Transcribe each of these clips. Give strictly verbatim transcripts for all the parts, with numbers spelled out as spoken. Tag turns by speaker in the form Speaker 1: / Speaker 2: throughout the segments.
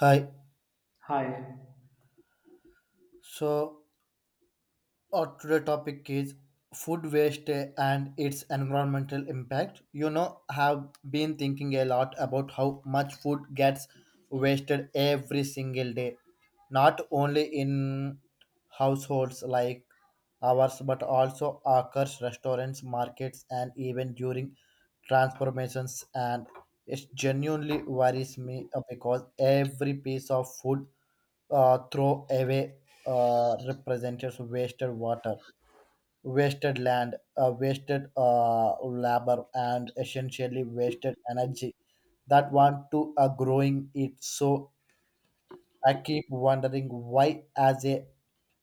Speaker 1: Hi.
Speaker 2: Hi.
Speaker 1: So, our today topic is food waste and its environmental impact. You know, have been thinking a lot about how much food gets wasted every single day, not only in households like ours, but also occurs restaurants, markets, and even during transformations. And it genuinely worries me uh, because every piece of food uh, throw away uh, represents wasted water, wasted land, uh, wasted uh, labor, and essentially wasted energy that want to uh, growing it. So I keep wondering why, as a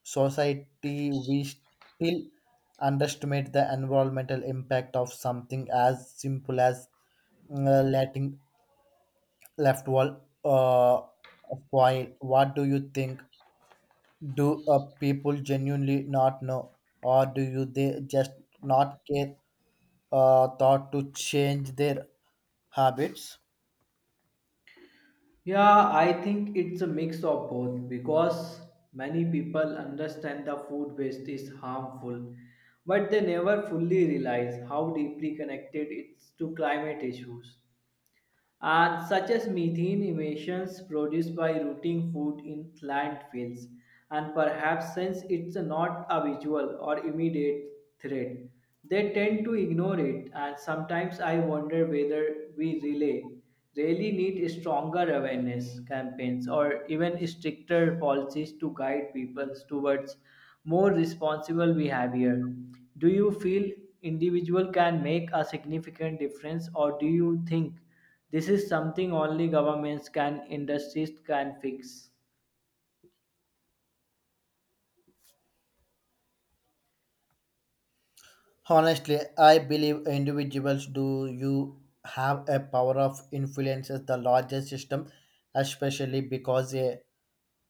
Speaker 1: society, we still underestimate the environmental impact of something as simple as uh, letting left wall uh, of oil. What do you think? Do uh, people genuinely not know, or do you they just not care uh, thought to change their habits?
Speaker 2: Yeah, I think it's a mix of both because many people understand the food waste is harmful, but they never fully realize how deeply connected it's to climate issues, and such as methane emissions produced by rotting food in landfills. And perhaps since it's not a visual or immediate threat, they tend to ignore it. And sometimes I wonder whether we really, really need stronger awareness campaigns or even stricter policies to guide people towards more responsible behavior. Do you feel individual can make a significant difference, or do you think? This is something only governments can industries can fix.
Speaker 1: Honestly, I believe individuals do you have a power of influences the larger system, especially because a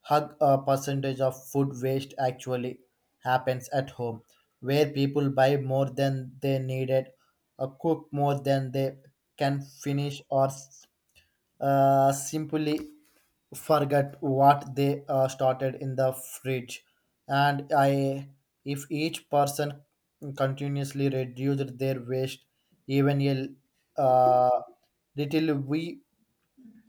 Speaker 1: hug a percentage of food waste actually happens at home, where people buy more than they needed, uh, cook more than they can finish, or uh, simply forget what they uh, started in the fridge. And i if each person continuously reduced their waste even a uh, little, we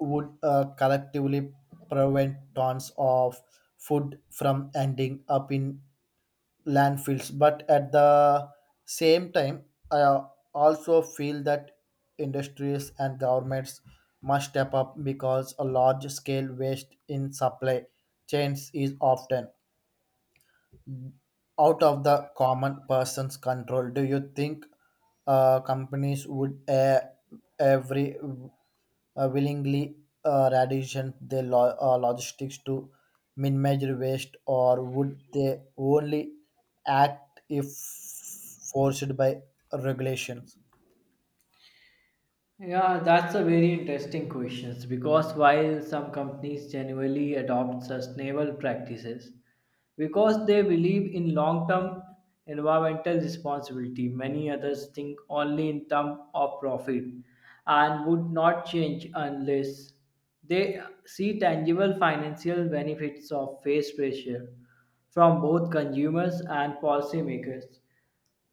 Speaker 1: would uh, collectively prevent tons of food from ending up in landfills. But at the same time, I also feel that industries and governments must step up because a large scale waste in supply chains is often out of the common person's control. Do you think uh, companies would uh, every uh, willingly uh, redirection their lo- uh, logistics to minimize waste, or would they only act if forced by regulations?
Speaker 2: Yeah, that's a very interesting question because while some companies genuinely adopt sustainable practices because they believe in long term environmental responsibility, many others think only in terms of profit and would not change unless they see tangible financial benefits of face pressure from both consumers and policymakers.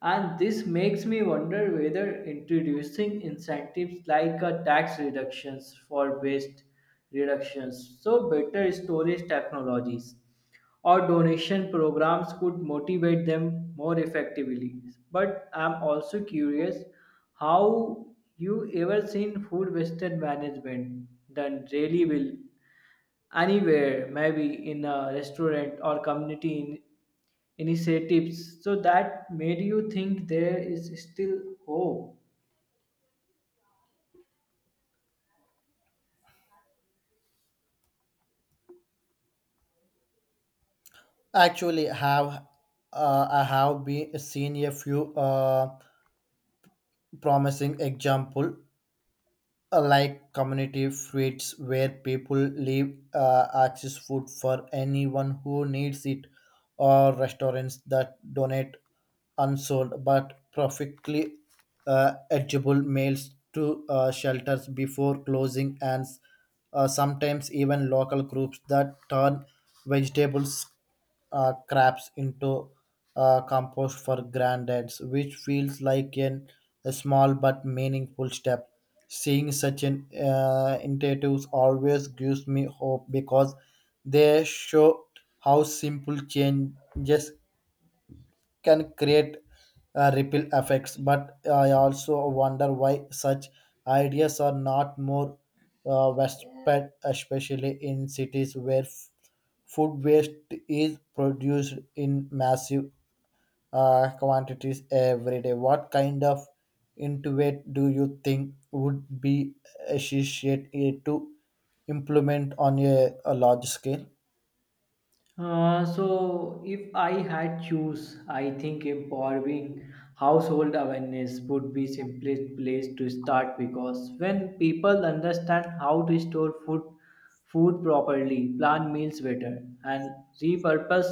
Speaker 2: And this makes me wonder whether introducing incentives like a tax reductions for waste reductions, so better storage technologies, or donation programs could motivate them more effectively. But I'm also curious how you ever seen food wasted management done really well anywhere, maybe in a restaurant or community in- initiatives. So that made you think there is still hope.
Speaker 1: Actually, have uh, I have been seen a few uh, promising example uh, like community feeds where people leave uh, access food for anyone who needs it, or restaurants that donate unsold but perfectly uh, edible meals to uh, shelters before closing, and uh, sometimes even local groups that turn vegetables uh, crabs into uh, compost for grandads, which feels like an, a small but meaningful step. Seeing such an uh, initiatives always gives me hope because they show how simple changes can create uh, ripple effects, but I also wonder why such ideas are not more uh, widespread, especially in cities where f- food waste is produced in massive uh, quantities every day. What kind of intuit do you think would be associated to implement on a, a large scale?
Speaker 2: Uh, so if I had choose, I think empowering household awareness would be simplest place to start because when people understand how to store food food properly, plan meals better, and repurpose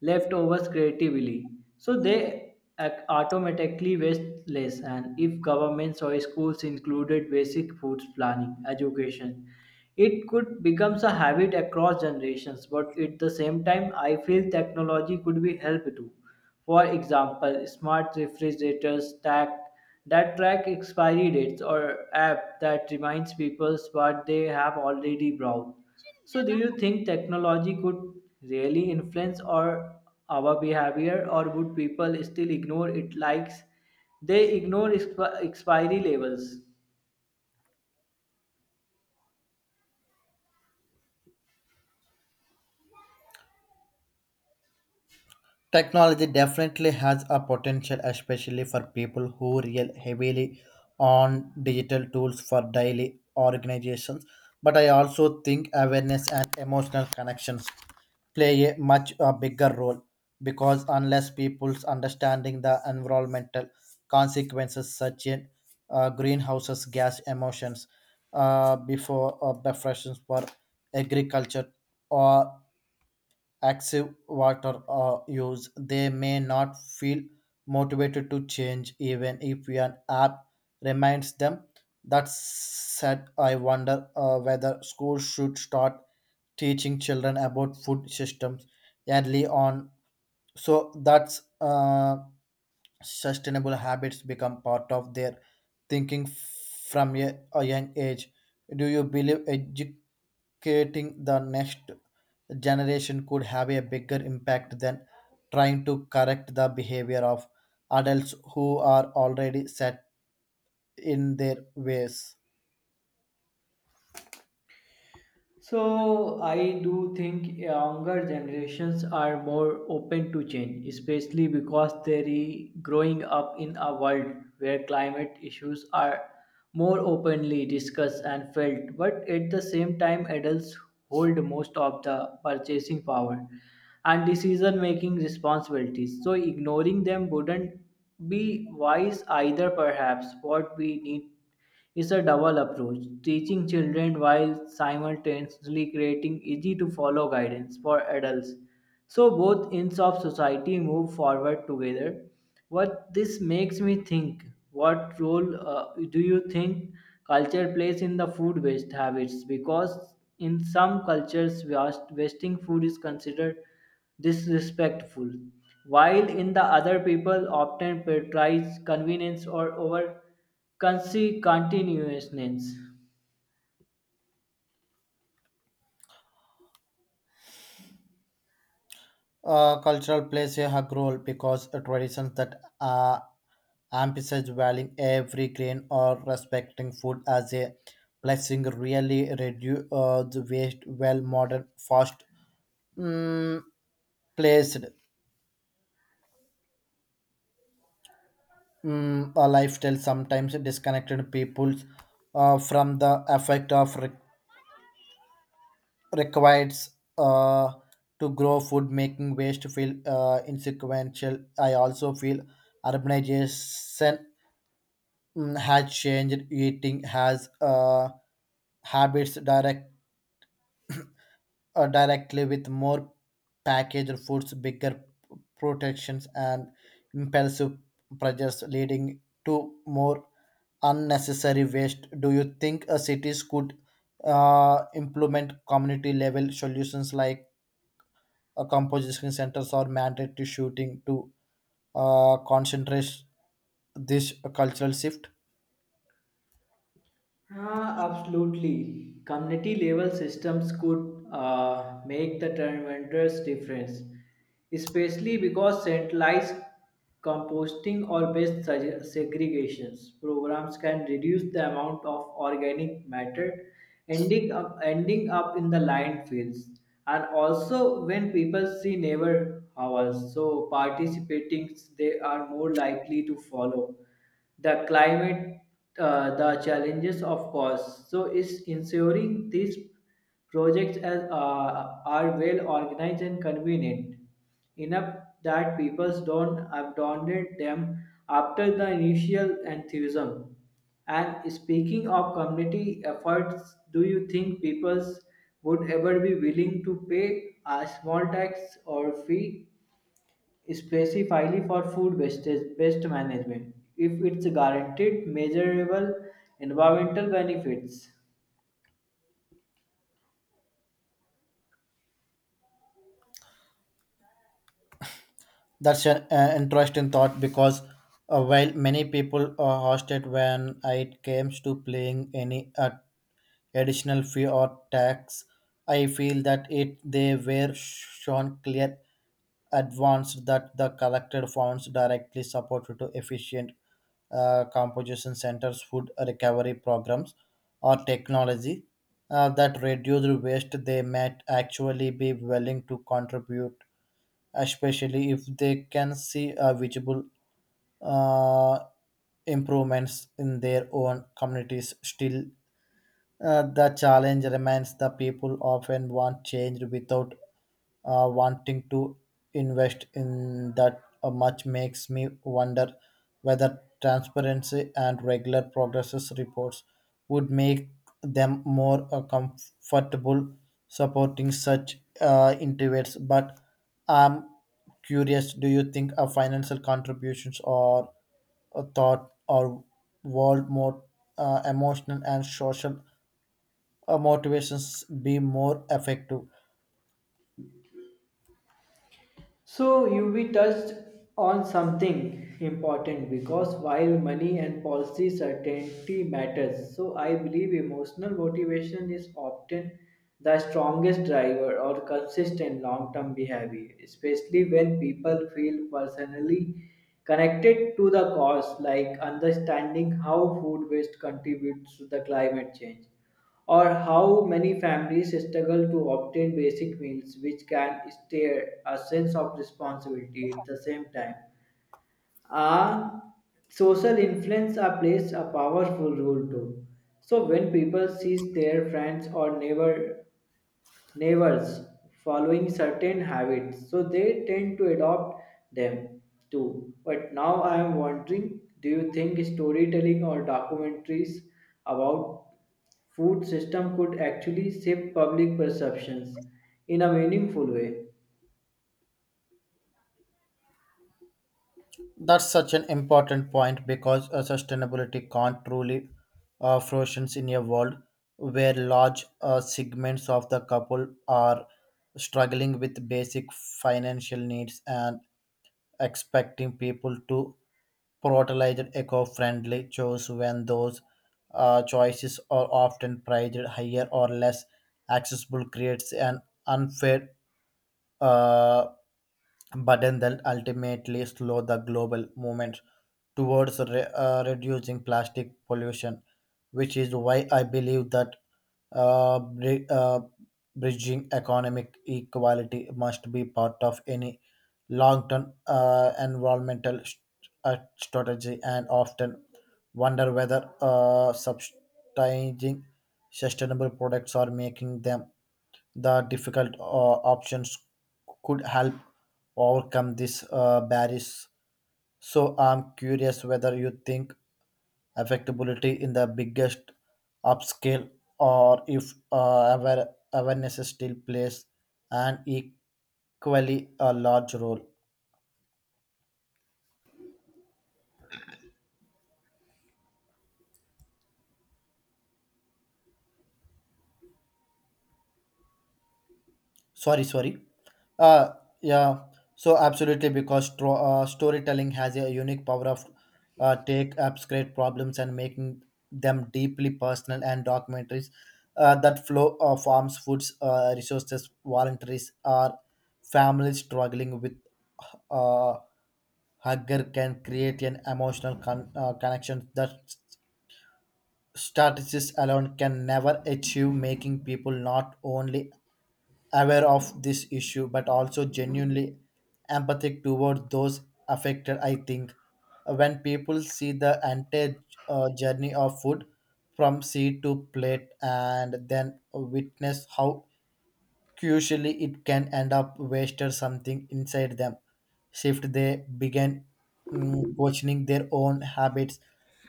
Speaker 2: leftovers creatively so they ac- automatically waste less. And if governments or schools included basic food planning education, it could becomes a habit across generations. But at the same time, I feel technology could be help too, for example smart refrigerators stack that track expiry dates or app that reminds people what they have already bought. So, do you think technology could really influence or our behavior, or would people still ignore it like they ignore exp- expiry labels?
Speaker 1: Technology definitely has a potential, especially for people who rely heavily on digital tools for daily organizations. But I also think awareness and emotional connections play a much uh, bigger role, because unless people's understanding the environmental consequences such as uh, greenhouses gas emissions uh, before uh, before for agriculture or active water uh, use, they may not feel motivated to change even if an app reminds them. That said, I wonder uh, whether schools should start teaching children about food systems early on, so that uh, sustainable habits become part of their thinking from a, a young age. Do you believe edu- creating the next generation could have a bigger impact than trying to correct the behavior of adults who are already set in their ways?
Speaker 2: So I do think younger generations are more open to change, especially because they're growing up in a world where climate issues are more openly discussed and felt. But at the same time, adults hold most of the purchasing power and decision-making responsibilities. So ignoring them wouldn't be wise either. Perhaps what we need it's a double approach, teaching children while simultaneously creating easy to follow guidance for adults. So both ends of society move forward together. What this makes me think, what role uh, do you think culture plays in the food waste habits? Because in some cultures, waste- wasting food is considered disrespectful, while in the other people often prioritize convenience or over Consi- continuousness.
Speaker 1: Uh, cultural plays a hug role because traditions that uh, emphasize valuing every grain or respecting food as a blessing really reduce uh, the waste, while modern fast mm, placed mm, a lifestyle sometimes disconnected people uh, from the effect of re- requires uh, to grow food, making waste feel uh, insequential. I also feel urbanization mm, has changed eating has uh, habits direct uh, directly, with more packaged foods, bigger protections, and impulsive pressures leading to more unnecessary waste. Do you think uh, cities could uh, implement community level solutions like uh, composition centers or mandatory shooting to uh, concentrate this cultural shift?
Speaker 2: Ah, absolutely. Community level systems could uh, make the tremendous difference, especially because centralized composting or waste seg- segregations programs can reduce the amount of organic matter ending up ending up in the landfills. And also, when people see neighbor hours, so participating, they are more likely to follow the climate, uh, the challenges, of course. So it's ensuring these projects as, uh, are well organized and convenient enough that people don't abandon them after the initial enthusiasm. And speaking of community efforts, do you think people would ever be willing to pay a small tax or fee specifically for food wastage waste management if it's guaranteed measurable environmental benefits?
Speaker 1: That's an uh, interesting thought, because uh, while many people uh, hosted when it comes to playing any uh, additional fee or tax. I feel that it they were shown clear advance that the collected funds directly supported to efficient uh, composition centers, food recovery programs, or technology uh, that reduce waste, they might actually be willing to contribute, especially if they can see a visible uh, improvements in their own communities. Still, uh, the challenge remains, the people often want change without uh, wanting to invest in that uh, much. Makes me wonder whether transparency and regular progress reports would make them more uh, comfortable supporting such uh, initiatives. But I'm curious, do you think uh, financial contributions or a thought or world more uh, emotional and social uh, motivations be more effective?
Speaker 2: So you we touched on something important because while money and policy certainty matters, so I believe emotional motivation is often the strongest driver or consistent long-term behavior, especially when people feel personally connected to the cause, like understanding how food waste contributes to the climate change or how many families struggle to obtain basic meals, which can stir a sense of responsibility at the same time. Ah, Social influence are plays a powerful role too. So when people see their friends or neighbor neighbors following certain habits, so they tend to adopt them too. But now I am wondering, do you think storytelling or documentaries about food system could actually shape public perceptions in a meaningful way?
Speaker 1: That's such an important point, because uh, sustainability can't truly uh, flourish in a world where large uh, segments of the couple are struggling with basic financial needs, and expecting people to prioritize eco-friendly choices when those uh, choices are often priced higher or less accessible creates an unfair uh, button that ultimately slow the global movement towards re- uh, reducing plastic pollution, which is why I believe that uh, bri- uh, bridging economic equality must be part of any long-term uh, environmental st- uh, strategy, and often wonder whether uh, subsidizing sustainable products or making them the difficult uh, options could help overcome these uh, barriers. So I'm curious whether you think affectability in the biggest upscale, or if uh, aware- awareness still plays an equally a large role. sorry sorry uh yeah so absolutely, because tro- uh, storytelling has a unique power of uh, take abstract problems and making them deeply personal, and documentaries uh, that flow uh, farms foods uh, resources voluntaries or families struggling with uh, hunger can create an emotional con- uh, connection that s- strategies alone can never achieve, making people not only aware of this issue but also genuinely empathic toward those affected. I think uh, when people see the entire uh, journey of food from seed to plate and then witness how Crucially, it can end up wasted, something inside them. Shift, they begin mm, questioning their own habits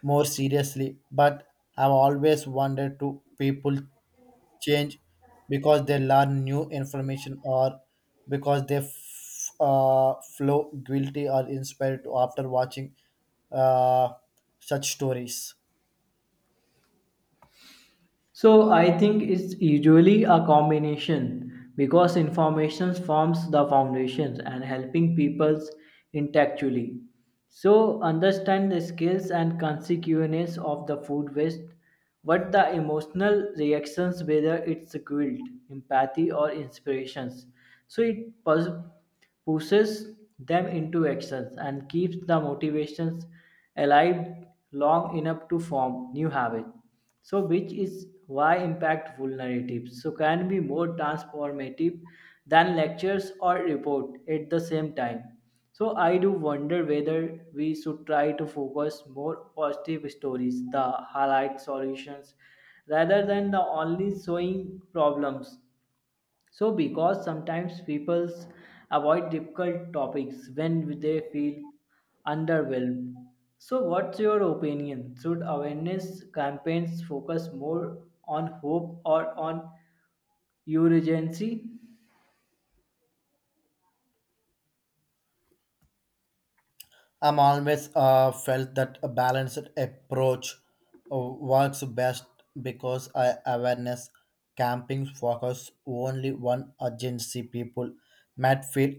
Speaker 1: more seriously. But I've always wondered, do people change because they learn new information, or because they f- uh, flow guilty or inspired to after watching uh, such stories?
Speaker 2: So I think it's usually a combination because information forms the foundations and helping peoples intellectually. So understand the skills and consequences of the food waste, what the emotional reactions, whether it's guilt, empathy, or inspirations. So it pus- pushes them into actions and keeps the motivations alive long enough to form new habits. So, which is why impactful narratives so can be more transformative than lectures or report at the same time. So, I do wonder whether we should try to focus more positive stories, the highlight solutions, rather than the only showing problems so, because sometimes people avoid difficult topics when they feel underwhelmed. So, what's your opinion? Should awareness campaigns focus more on hope or on urgency?
Speaker 1: I'm always uh, felt that a balanced approach uh, works best, because I awareness camping focus only one urgency, people might feel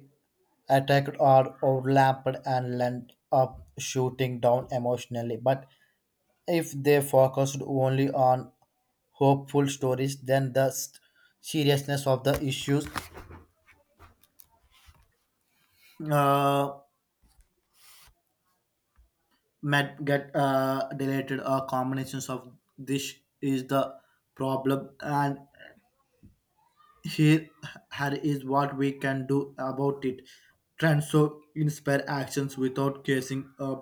Speaker 1: attacked or overlapped and end up shooting down emotionally. But if they focused only on hopeful stories, then the s- seriousness of the issues. Uh, might get uh, deleted, or combinations of this is the problem, and here here is what we can do about it, trends so inspire actions without causing a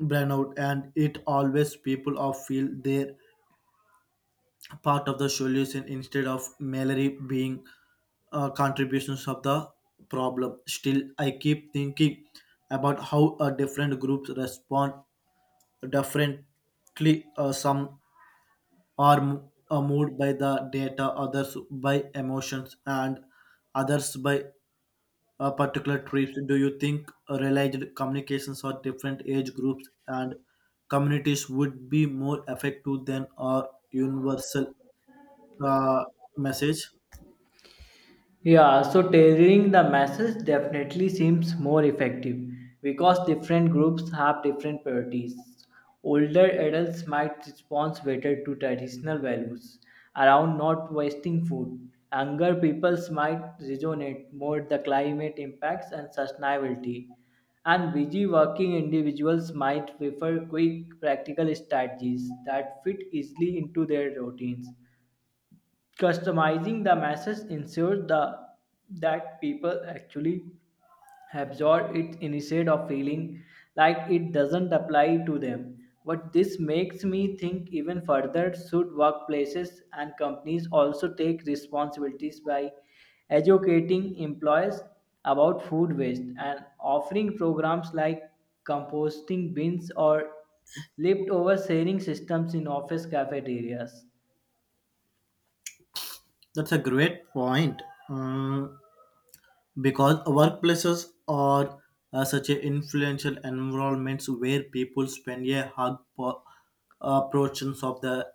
Speaker 1: burnout, and it always people of feel they're part of the solution instead of merely being uh, contributions of the problem. Still, I keep thinking about how uh, different groups respond differently. Uh, some are m- are moved by the data, others by emotions, and others by uh, particular traits. Do you think realized communications or different age groups and communities would be more effective than our universal uh, message?
Speaker 2: Yeah, so tailoring the message definitely seems more effective because different groups have different priorities. Older adults might respond better to traditional values around not wasting food. Younger peoples might resonate more the climate impacts and sustainability. And busy working individuals might prefer quick practical strategies that fit easily into their routines. Customizing the message ensures the, that people actually absorb it instead of feeling like it doesn't apply to them. But this makes me think even further, should workplaces and companies also take responsibilities by educating employees about food waste and offering programs like composting bins or leftover sharing systems in office cafeterias?
Speaker 1: That's a great point. Mm, because workplaces are uh, such a influential environments where people spend a hard po- uh, portions of the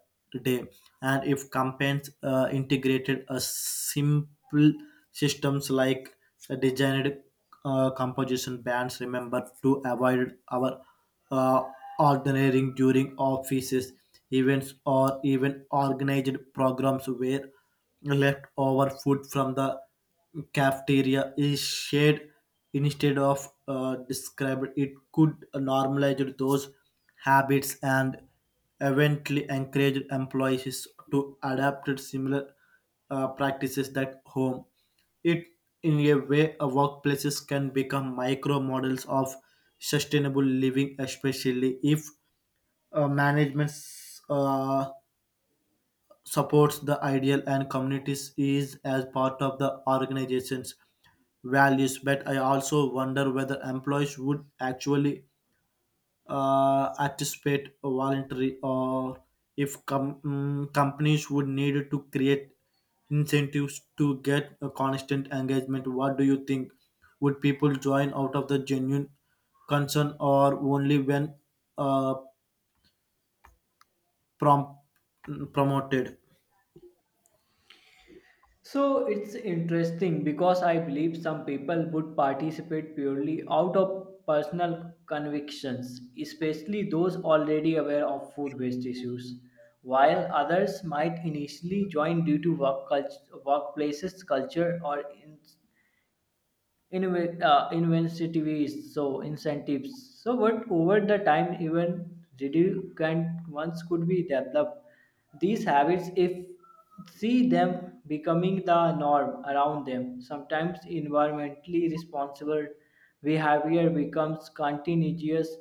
Speaker 1: day, and if companies uh, integrated a simple systems like a designed uh, composition bands, remember to avoid our uh, ordering during offices events, or even organized programs where leftover food from the cafeteria is shared instead of uh, described, it could normalize those habits and eventually encourage employees to adapt similar uh, practices at home. It, in a way, uh, workplaces can become micro models of sustainable living, especially if uh, management uh, supports the ideal and communities is as part of the organization's values. But I also wonder whether employees would actually uh, anticipate a voluntary, or if com- mm, companies would need to create incentives to get a constant engagement. What do you think? Would people join out of the genuine concern, or only when uh, prom- promoted?
Speaker 2: So it's interesting because I believe some people would participate purely out of personal convictions, especially those already aware of food waste issues, while others might initially join due to work cult- workplaces, culture, or in- Inve- uh, incentives, so incentives. So what over the time even redundant ones could be developed. These habits, if see them becoming the norm around them, sometimes environmentally responsible behavior becomes continuous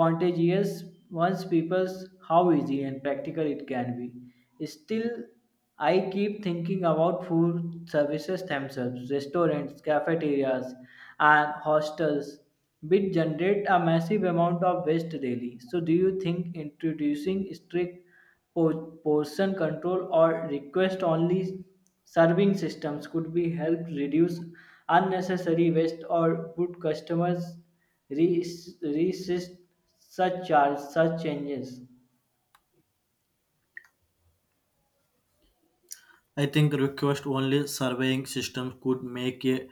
Speaker 2: contagious once people how easy and practical it can be. Still, I keep thinking about food services themselves, restaurants, cafeterias, and hostels, which generate a massive amount of waste daily. So, do you think introducing strict Po- portion control or request only serving systems could be helped reduce unnecessary waste, or would customers re- resist such charge such changes?
Speaker 1: I think request only surveying systems could make a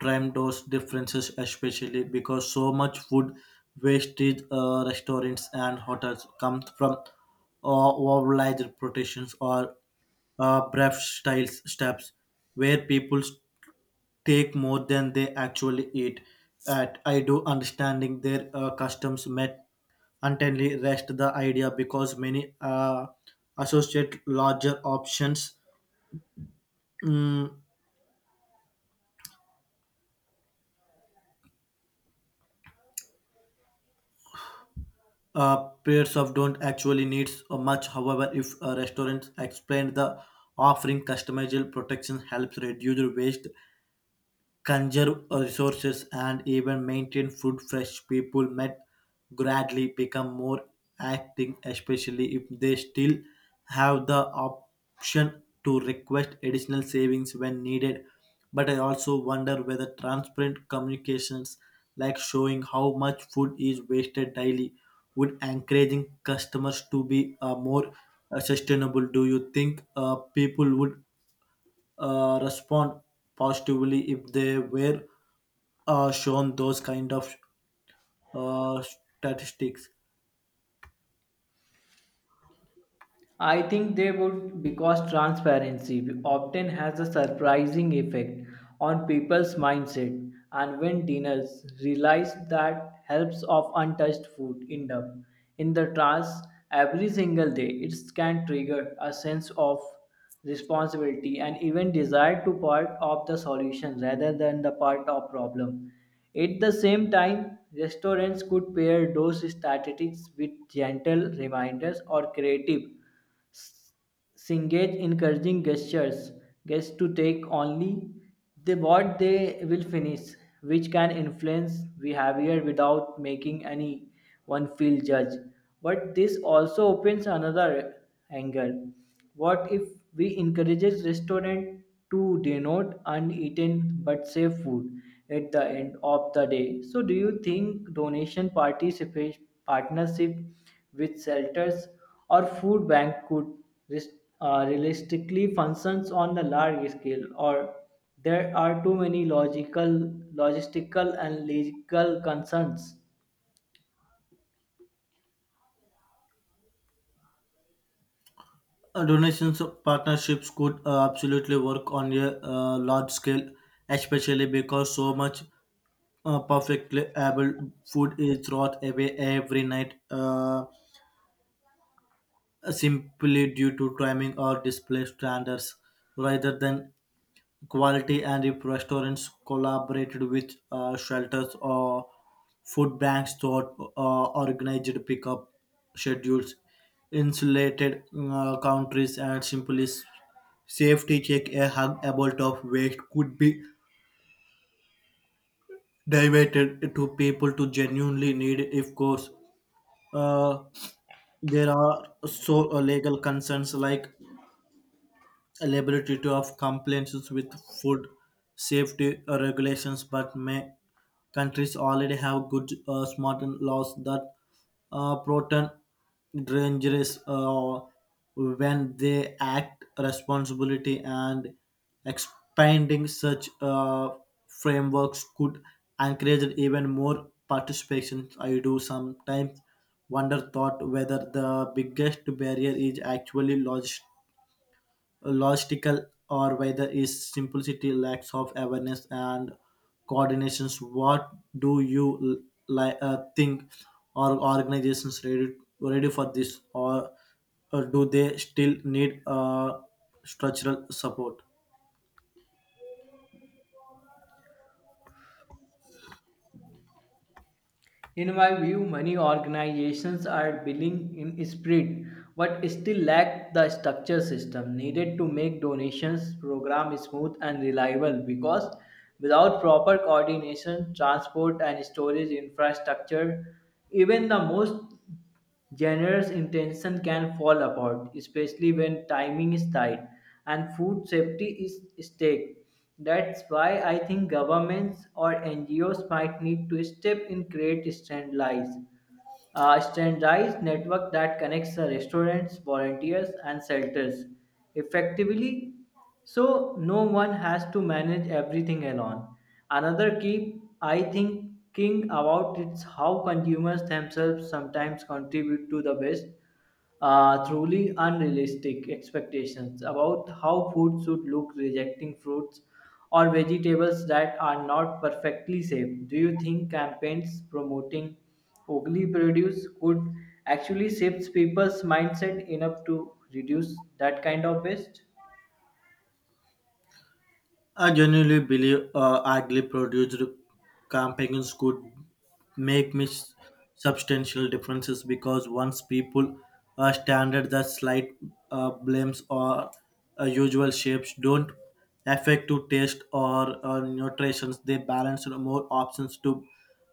Speaker 1: tremendous differences, especially because so much food wastage uh, restaurants and hotels comes from uh, overlaid protections or uh, brief styles steps where people take more than they actually eat. At I do understanding their uh, customs met untenly rest the idea, because many uh, associate larger options mm, Uh, pairs of don't actually needs uh, much. However, if a restaurant explained the offering customizable protection helps reduce waste, conserve resources, and even maintain food fresh, people might gradually become more active, especially if they still have the option to request additional savings when needed. But I also wonder whether transparent communications, like showing how much food is wasted daily, would encouraging customers to be uh, more uh, sustainable. Do you think uh, people would uh, respond positively if they were uh, shown those kind of uh, statistics?
Speaker 2: I think they would, because transparency often has a surprising effect on people's mindset. And when diners realize that helps of untouched food end up in the trash every single day, it can trigger a sense of responsibility and even desire to part of the solution rather than the part of problem. At the same time, restaurants could pair those statistics with gentle reminders or creative engage encouraging gestures guests to take only the what they will finish, which can influence behavior without making anyone feel judged. But this also opens another angle. What if we encourages restaurant to denote uneaten but safe food at the end of the day? So do you think donation participate partnership with shelters or food bank could res- uh, realistically functions on the large scale, or there are too many logical, logistical, and legal concerns?
Speaker 1: Uh, donations of partnerships could uh, absolutely work on a uh, large scale, especially because so much uh, perfectly able food is thrown away every night uh, simply due to timing or display standards rather than quality. And if restaurants collaborated with uh, shelters or food banks thought uh, organized pickup schedules, insulated uh, countries, and simply s- safety check, a hug about of waste could be diverted to people to genuinely need. Of course uh, there are so uh, legal concerns, like a to of compliances with food safety regulations, but may countries already have good, uh, smart and laws that uh, protect dangerous uh, when they act responsibility, and expanding such uh, frameworks could encourage even more participation. I do sometimes wonder thought whether the biggest barrier is actually logistics logistical, or whether its simplicity lacks of awareness and coordinations. What do you l- li- uh, think? Are organizations ready, ready for this, or, or do they still need uh, structural support?
Speaker 2: In my view, many organizations are billing in spirit, but still lack the structure system needed to make donations program smooth and reliable. Because without proper coordination, transport and storage infrastructure, even the most generous intention can fall apart, especially when timing is tight and food safety is stake. That's why I think governments or N G Os might need to step in create standardized a standardized network that connects the restaurants, volunteers, and shelters effectively so no one has to manage everything alone. Another key I think, thinking about is how consumers themselves sometimes contribute to the best uh, truly unrealistic expectations about how food should look, rejecting fruits or vegetables that are not perfectly safe. Do you think campaigns promoting ugly produce could actually shift people's mindset enough to reduce that kind of waste?
Speaker 1: I genuinely believe uh, idly produced campaigns could make mis- substantial differences, because once people are standard, the slight uh, blames or uh, usual shapes don't affect to taste or uh, nutritions. They balance more options to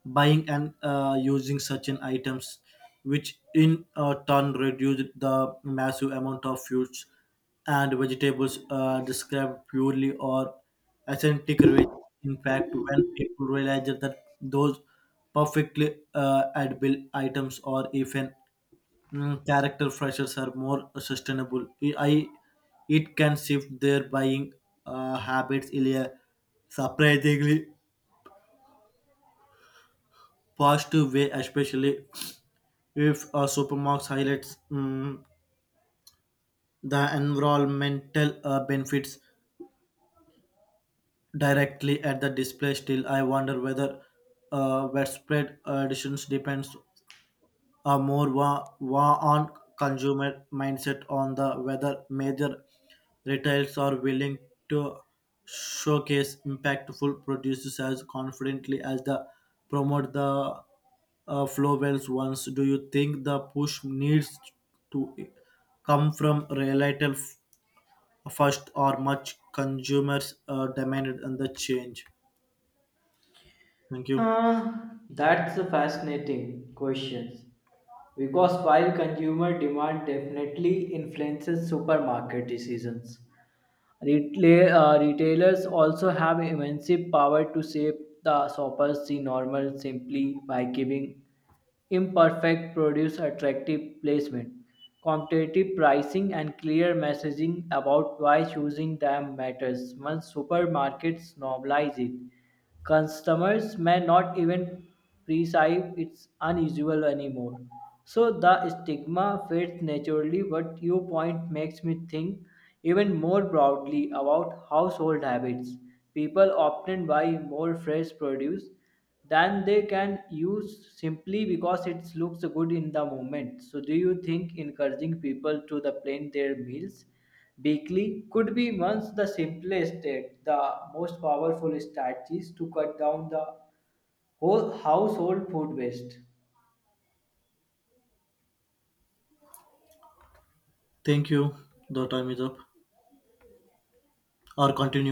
Speaker 1: buying and uh, using such an items, which in uh, turn reduce the massive amount of use and vegetables are described purely or authentic rich. In fact, when people realize that those perfectly uh, edible items or even mm, character freshers are more sustainable, I, I- it can shift their buying uh, habits in a surprisingly positive way, especially if a supermarket highlights mm, the environmental uh, benefits directly at the display. Still, I wonder whether uh, widespread additions depends uh, more wa- wa- on consumer mindset, on the whether major retailers are willing to showcase impactful producers as confidently as the promote the uh, flow wells ones. Do you think the push needs to come from retail f- first, or much consumers uh, demanded and the change? Thank you.
Speaker 2: Uh, that's a fascinating question. Because while consumer demand definitely influences supermarket decisions, Retla- uh, retailers also have immense power to shape the shoppers see normal simply by giving imperfect produce attractive placement, competitive pricing, and clear messaging about why choosing them matters. Once supermarkets normalize it, customers may not even perceive it's unusual anymore. So the stigma fades naturally, but your point makes me think even more broadly about household habits. People often buy more fresh produce than they can use simply because it looks good in the moment. So, do you think encouraging people to the plan their meals Bakley could be once the simplest yet the most powerful strategies to cut down the whole household food waste?
Speaker 1: Thank you. The time is up. Or continue.